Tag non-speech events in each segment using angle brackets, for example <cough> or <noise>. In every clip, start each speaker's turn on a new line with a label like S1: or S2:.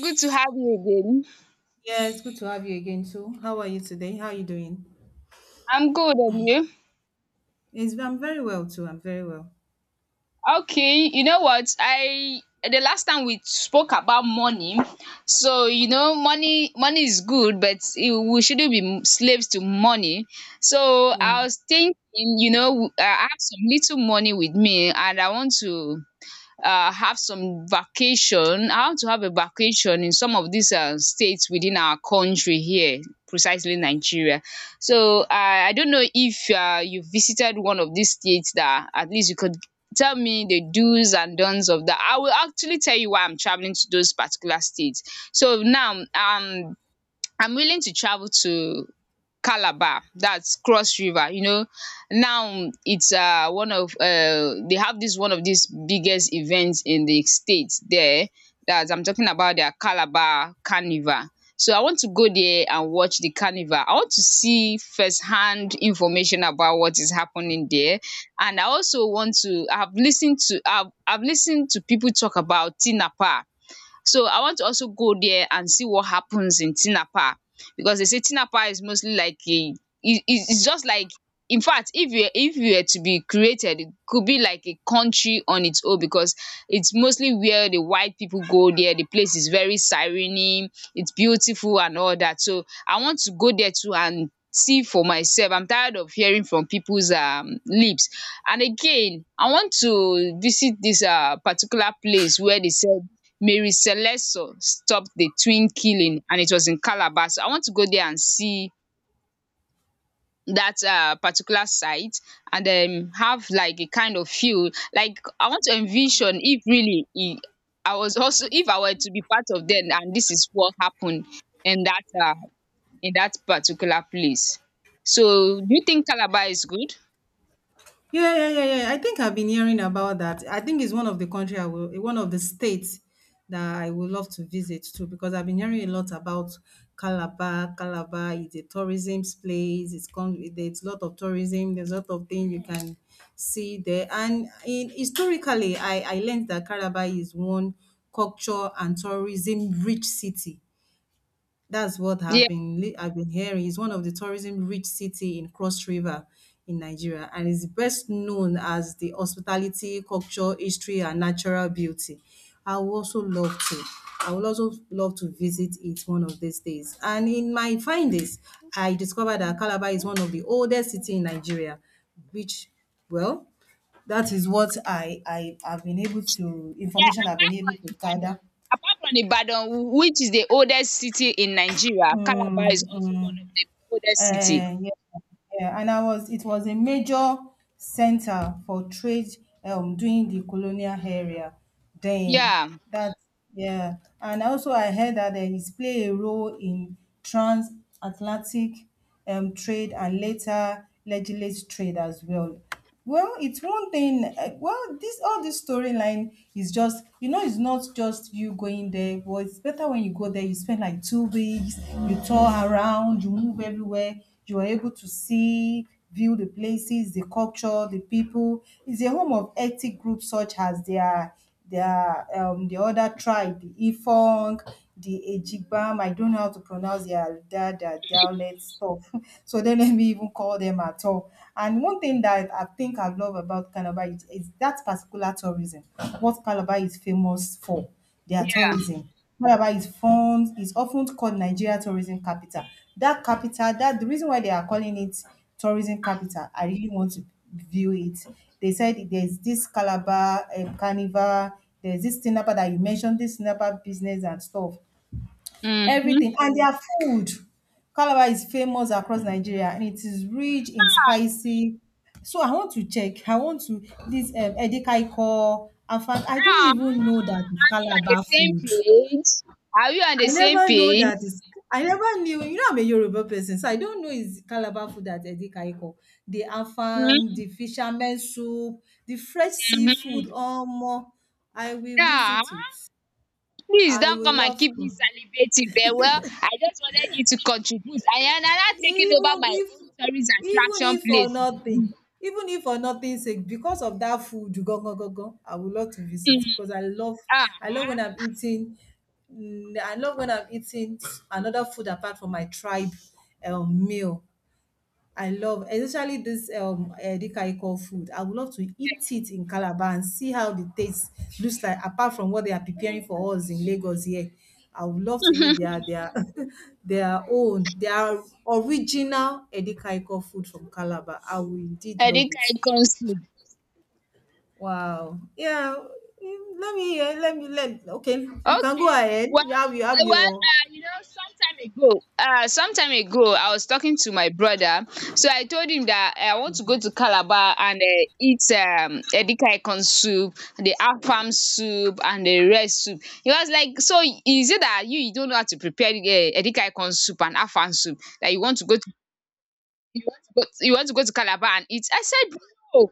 S1: Good to have you again.
S2: Yeah, it's good to have you again too. How are you today? How are you doing?
S1: I'm good, and you?
S2: I'm very well too. I'm very well.
S1: Okay, you know what? I The last time we spoke about money, so you know, money is good, but we shouldn't be slaves to money. So
S2: Yeah.
S1: I was thinking, you know, I have some little money with me, and I want to have some vacation, how to have a vacation in some of these states within our country here, precisely Nigeria. So I don't know if you visited one of these states that at least you could tell me the do's and don'ts of that. I will actually tell you why I'm traveling to those particular states. So now, I'm willing to travel to Calabar, that's Cross River, you know. Now it's one of they have this one of these biggest events in the state there. That's I'm talking about their Calabar Carnival. So I want to go there and watch the carnival. I want to see firsthand information about what is happening there, and I also want to. I've listened to people talk about Tinapa, so I want to also go there and see what happens in Tinapa, because they say Tinapa is mostly like a it's just like, in fact, if you were to be created, it could be like a country on its own, because it's mostly where the white people go there. The place is very serene, it's beautiful and all that. So I want to go there too and see for myself. I'm tired of hearing from people's lips. And again, I want to visit this particular place where they sell Mary Celesio stopped the twin killing, and it was in Calabar. So I want to go there and see that particular site, and have like a kind of feel like I want to envision if I was also if I were to be part of them and this is what happened in that in that particular place. So do you think Calabar is good?
S2: Yeah, yeah, yeah, yeah. I think I've been hearing about that. I think it's one of the states that I would love to visit too because I've been hearing a lot about Calabar. Calabar is a tourism place. It's con There's a lot of tourism. There's a lot of things you can see there. And in historically, I learned that Calabar is one culture and tourism rich city. That's what
S1: Yeah.
S2: I've been hearing. It's one of the tourism-rich city in Cross River in Nigeria, and is best known as the hospitality, culture, history, and natural beauty. I would also love to. I would also love to visit it one of these days. And in my findings, I discovered that Calabar is one of the oldest city in Nigeria, which, well, that is what I have been able to
S1: Yeah,
S2: information I've been able to gather.
S1: Apart from Ibadan, which is the oldest city in Nigeria, Calabar is
S2: Mm,
S1: also one
S2: mm.
S1: of the oldest city.
S2: Yeah, yeah, and I was it was a major center for trade during the colonial area then.
S1: Yeah,
S2: That Yeah, and also I heard that it played a role in transatlantic trade and later legislate trade as well. Well, it's one thing. Well, this all this storyline is just it's not just you going there. Well, it's better when you go there. You spend like 2 weeks. You tour around. You move everywhere. You are able to see, view the places, the culture, the people. It's a home of ethnic groups such as there are the other tribe, the Ifong, the Ejigbam. I don't know how to pronounce their dialect stuff. <laughs> So don't let me even call them at all. And one thing that I think I love about Calabar is that particular tourism, what Calabar is famous for, their
S1: yeah.
S2: tourism. Calabar is often called Nigeria tourism capital. That the reason why they are calling it tourism capital, I really want to view it. They said there's this Calabar carnival, there's this Tinapa that you mentioned, this Tinapa business and stuff,
S1: Mhm.
S2: everything. And their food, Calabar is famous across Nigeria and it is rich in spicy. So I want to check. I want to this edikaikong. In fact, I don't
S1: Ah,
S2: even know that it's
S1: are we on the
S2: Calabar
S1: same
S2: food.
S1: page? Are we on the
S2: I
S1: same
S2: never know
S1: page?
S2: that it's I never knew, I'm a Yoruba person, so I don't know it's Calabar food that edikaikong. The afang,
S1: Mhm,
S2: the fisherman soup, the fresh seafood.
S1: mhm.
S2: Oh, more. I will
S1: Yeah.
S2: visit it.
S1: Please
S2: I
S1: don't
S2: will
S1: come and
S2: love
S1: keep
S2: to.
S1: me salivating very well. I just wanted you to contribute. I am now taking over
S2: even
S1: my
S2: if
S1: own tourist
S2: even
S1: attraction
S2: if for
S1: place.
S2: nothing even if for nothing sake because of that food, go go go go, I would love to visit
S1: Mm,
S2: because
S1: ah.
S2: I love when I'm eating mm, I love when I'm eating another food apart from my tribe meal. I love, especially this edikaiko food. I would love to eat it in Calabar and see how the taste looks like, apart from what they are preparing for us in Lagos here. I would love to eat
S1: <laughs>
S2: their <laughs> their own, their original edikaiko food from Calabar. I will indeed love
S1: Edika
S2: it.
S1: Ikonsu.
S2: Wow. Yeah. Let me hear. Let me let. Okay, you can go
S1: Okay.
S2: ahead.
S1: Well,
S2: You have your.
S1: you know, some time ago, I was talking to my brother. So I told him that eh, I want to go to Calabar and eat edika ikong soup, the afam soup, and the red soup. He was like, "So is it that you don't know how to prepare edika ikong soup and afam soup that you want to go to you want to go to Calabar and eat?" I said, "No."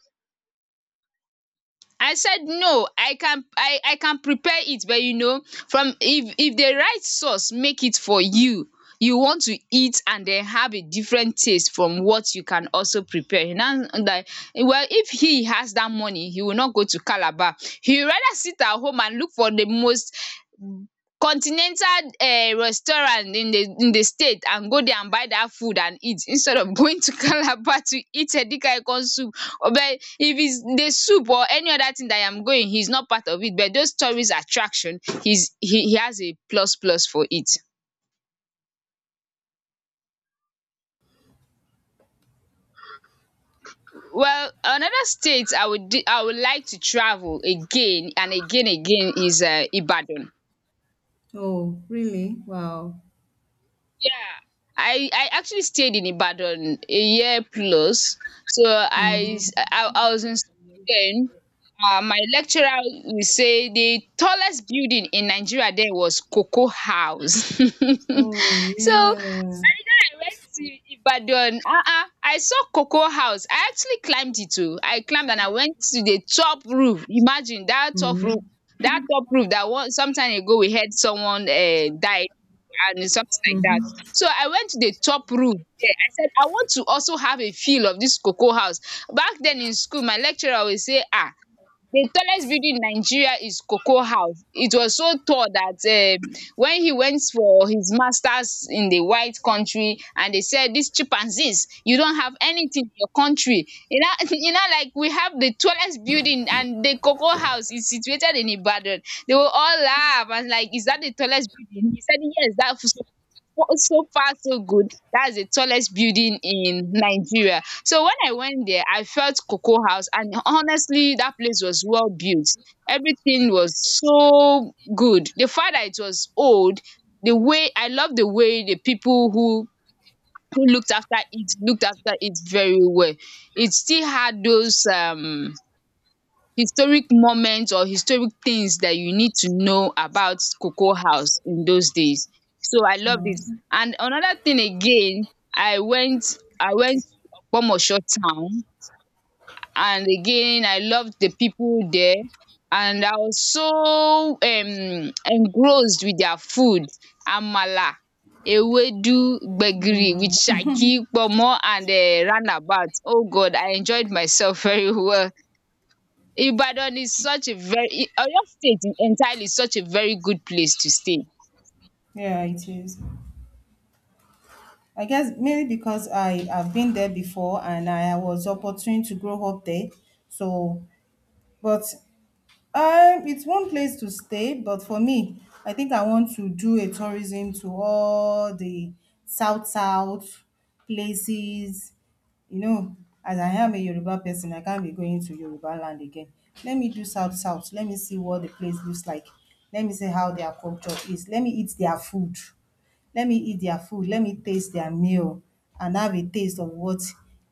S1: I said no, I can prepare it, but you know, from if the right sauce make it for you, you want to eat and then have a different taste from what you can also prepare. Now that, well, if he has that money, he will not go to Calabar. He will rather sit at home and look for the most continental restaurant in the state and go there and buy that food and eat instead of <laughs> going to Calabar to eat edikaikong soup. But if it's the soup or any other thing that I am going, he's not part of it. But those tourist attraction, he has a plus plus for it. Well, another state I would I would like to travel again and again is Ibadan.
S2: Oh, really? Wow.
S1: Yeah, I actually stayed in Ibadan a year plus. So
S2: Mm-hmm.
S1: I was in school then. My lecturer will say the tallest building in Nigeria then was Cocoa House.
S2: Oh
S1: <laughs> So
S2: yeah.
S1: I went to Ibadan, I saw cocoa house. I actually climbed it too. I climbed and I went to the top roof. Imagine that top roof.
S2: Mm-hmm.
S1: That top roof, that one sometime ago we heard someone died and something like that.
S2: Mhm.
S1: So I went to the top roof there. I said I want to also have a feel of this cocoa house. Back then in school my lecturer would say ah. The tallest building in Nigeria is Cocoa House. It was so tall that when he went for his masters in the white country and they said these chimpanzees you don't have anything in your country. You know, <laughs> you know, like we have the tallest building and the Cocoa House is situated in Ibadan. They will all laugh and like is that the tallest building? He said yes, that was so, so far so good, that's the tallest building in Nigeria. So when I went there, I felt Cocoa House, and honestly that place was well built. Everything was so good. The fact that it was old, the way I love the way the people who looked after it very well. It still had those historic moments or historic things that you need to know about Cocoa House in those days. So I loved it. And another thing again, I went Ogbomoso town, and again I loved the people there, and I was so engrossed with their food, amala, ewedu, gbegiri with shaki, pomo, and roundabout. Oh god, I enjoyed myself <laughs> very well. Ibadan is such a very I Oyo state entirely is such a very good place to stay.
S2: Yeah, it is. I guess mainly because I have been there before and I was opportune to grow up there. So, but it's one place to stay. But for me, I think I want to do a tourism to all the south south places. You know, as I am a Yoruba person, I can't be going to Yoruba land again. Let me do south south. Let me see what the place looks like. Let me see how their culture is. Let me eat their food. Let me taste their meal and have a taste of what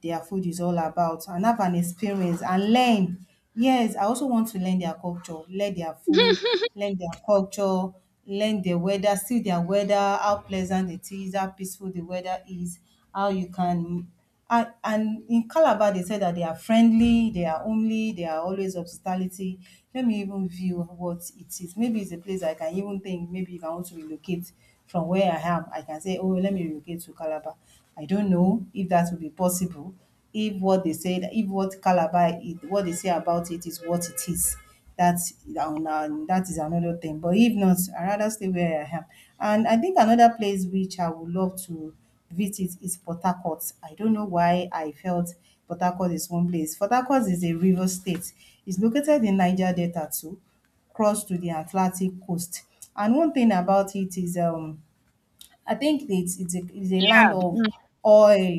S2: their food is all about and have an experience and learn. Yes, I also want to learn their culture, learn their food, learn their culture, learn their weather, see their weather, how pleasant it is, how peaceful the weather is, how you can. And in Calabar they say that they are friendly, they are homely, they are always hospitality. Let me even view what it is. Maybe it's a place I can even think maybe if I want to relocate from where I am, I can say, "Oh, let me relocate to Calabar." I don't know if that will be possible, if what they said, if what Calabar is, what they say about it is what it is. That is another thing. But if not, I rather stay where I am. And I think another place which I would love to visit is Port Harcourt. I don't know why I felt Port Harcourt is one place. Port Harcourt is a river state. It's located in Niger Delta too, close to the Atlantic coast. And one thing about it is I think it's a land
S1: Yeah,
S2: of
S1: mm.
S2: oil,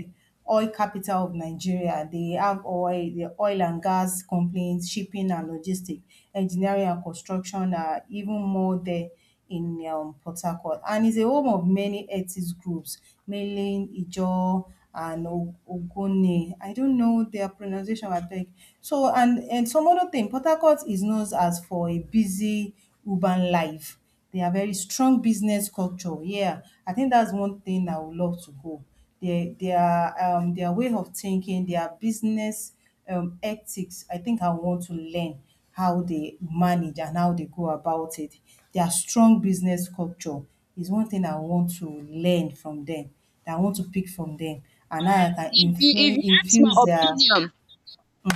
S2: oil capital of Nigeria. They have oil, the oil and gas companies, shipping and logistic, engineering and construction are even more there in Port Harcourt. And it's a home of many ethnic groups, mainly Ijaw and Ogoni. I don't know their pronunciation, I think. So, and some other thing, Port Harcourt is known as for a busy urban life. They are very strong business culture, yeah, I think that's one thing I would love to go. Their their way of thinking, their business ethics, I think I want to learn how they manage and how they go about it. Their strong business culture is one thing I want to learn from them. That I want to pick from them, and
S1: Well,
S2: how I can
S1: if
S2: influ
S1: you ask my
S2: infuse their.
S1: opinion,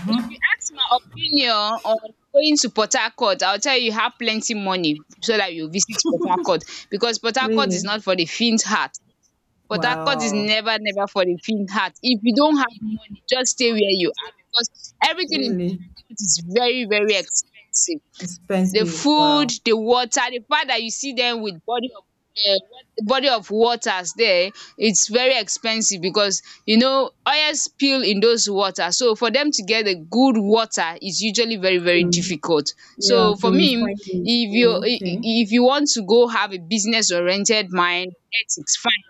S1: if you ask my opinion on going to Port Harcourt, I'll tell you have plenty money so that you visit Port Harcourt, because Port Harcourt is
S2: Really?
S1: not for the faint heart. Port Harcourt is
S2: Wow,
S1: never, never for the faint heart. If you don't have money, just stay where you are, because everything in Port
S2: really
S1: Harcourt is very, very expensive: the
S2: expensive,
S1: food,
S2: wow.
S1: the water, the fact that you see them with um body of waters there, it's very expensive because you know oil spill in those water. So for them to get a good water is usually very, very
S2: True.
S1: difficult.
S2: Yeah,
S1: So
S2: to
S1: for me,
S2: refine it.
S1: if you
S2: Oh, okay.
S1: if you want to go have a business oriented mind, yes, it's fine.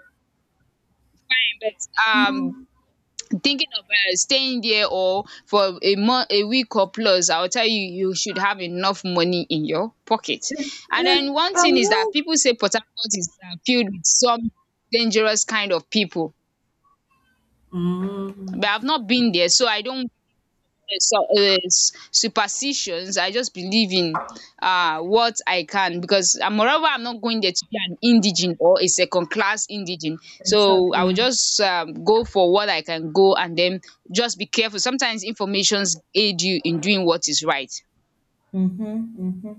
S1: But um
S2: Mm.
S1: thinking of staying there or for a month a week or plus, I will tell you you should have enough money in your pocket. And
S2: Yeah,
S1: then one
S2: I'm.
S1: thing is that people say Port Harcourt is filled with some dangerous kind of people, but
S2: Mm,
S1: I've not been there, so I don't, so is superstitions. I just believe in what I can, because moreover, I'm not going there to be an indigent or a second class indigent. So I will
S2: exactly.
S1: just go for what I can go, and then just be careful. Sometimes informations aid you in doing what is right.
S2: Mm-hmm, hmm.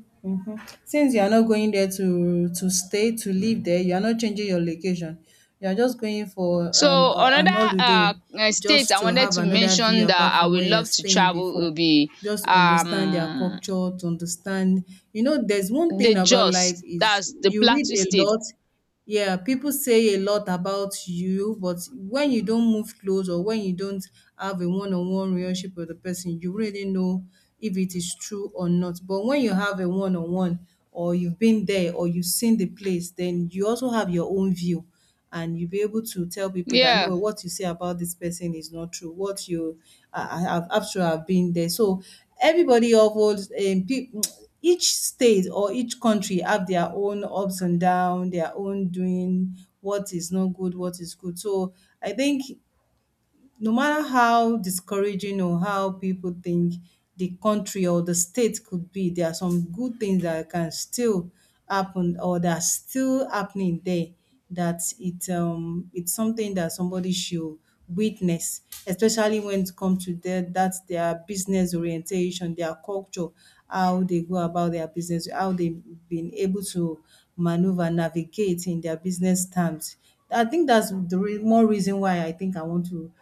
S2: Since you are not going there to stay to live there, you are not changing your location. You are just going for um
S1: So
S2: a-
S1: another
S2: an holiday,
S1: state
S2: just
S1: I
S2: to
S1: wanted
S2: have
S1: to
S2: another view
S1: mention that
S2: apart
S1: I
S2: from
S1: would
S2: where you are
S1: love to
S2: staying
S1: travel
S2: before.
S1: will be
S2: Just understand their
S1: um
S2: culture, to understand. You know, there's one
S1: the
S2: thing about
S1: Jos,
S2: life is
S1: that's the
S2: you read
S1: Plateau
S2: a
S1: state.
S2: lot. Yeah, people say a lot about you, but when you don't move close or when you don't have a one-on-one relationship with the person, you really know if it is true or not. But when you have a one-on-one or you've been there or you've seen the place, then you also have your own view and you'll be able to tell people that
S1: Yeah.
S2: no, what you say about this person is not true. I have after I've been there. So everybody of each state or each country have their own ups and down, their own doing what is not good, what is good. So I think no matter how discouraging or how people think the country or the state could be, there are some good things that can still happen or that are still happening there. That it it's something that somebody should witness, especially when it comes to their business orientation, their culture, how they go about their business, how they've been able to maneuver, navigate in their business terms. I think that's the more reason why I think I want to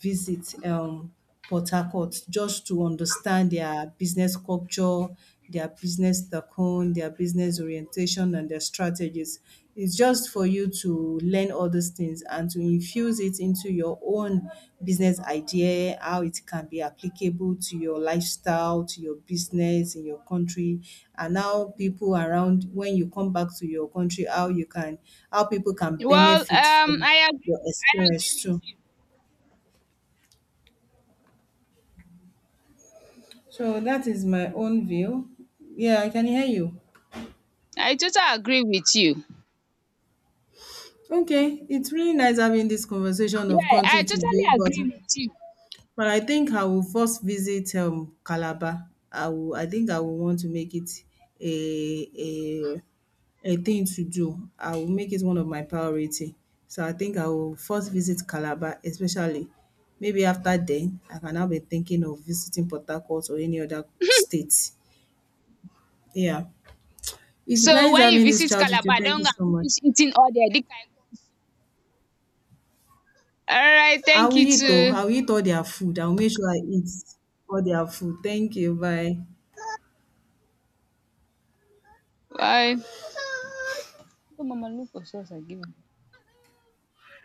S2: visit Port Harcourt just to understand their business culture, their business tycoon, their business orientation, and their strategies. It's just for you to learn all these things and to infuse it into your own business idea, how it can be applicable to your lifestyle, to your business in your country, and how people around when you come back to your country, how people can
S1: well
S2: benefit
S1: um
S2: from
S1: i
S2: your
S1: I
S2: experience
S1: agree with
S2: too.
S1: you.
S2: So that is my own view. Yeah, I can hear you.
S1: I totally agree with you.
S2: Okay, it's really nice having this conversation of
S1: Yeah, I
S2: country to. Yeah.
S1: totally
S2: Go, but
S1: agree with you.
S2: but I think I will first visit Calabar. I will. I think I will want to make it a a a thing to do. I will make it one of my priority. So I think I will first visit Calabar, especially. Maybe after then, I can now be thinking of visiting Port Harcourt or any other state. Yeah. It's
S1: So
S2: nice
S1: when you
S2: having this
S1: visit
S2: chat with you.
S1: Calabar,
S2: Thank
S1: don't
S2: you
S1: go
S2: so
S1: and
S2: much.
S1: finish eating all their edika ikong. Alright,
S2: I
S1: thank
S2: will
S1: you
S2: eat oh,
S1: too.
S2: I will eat all their food. I will make sure I eat all their food. Thank you. Bye.
S1: Bye. Oh, Mama, look for sauce I give you.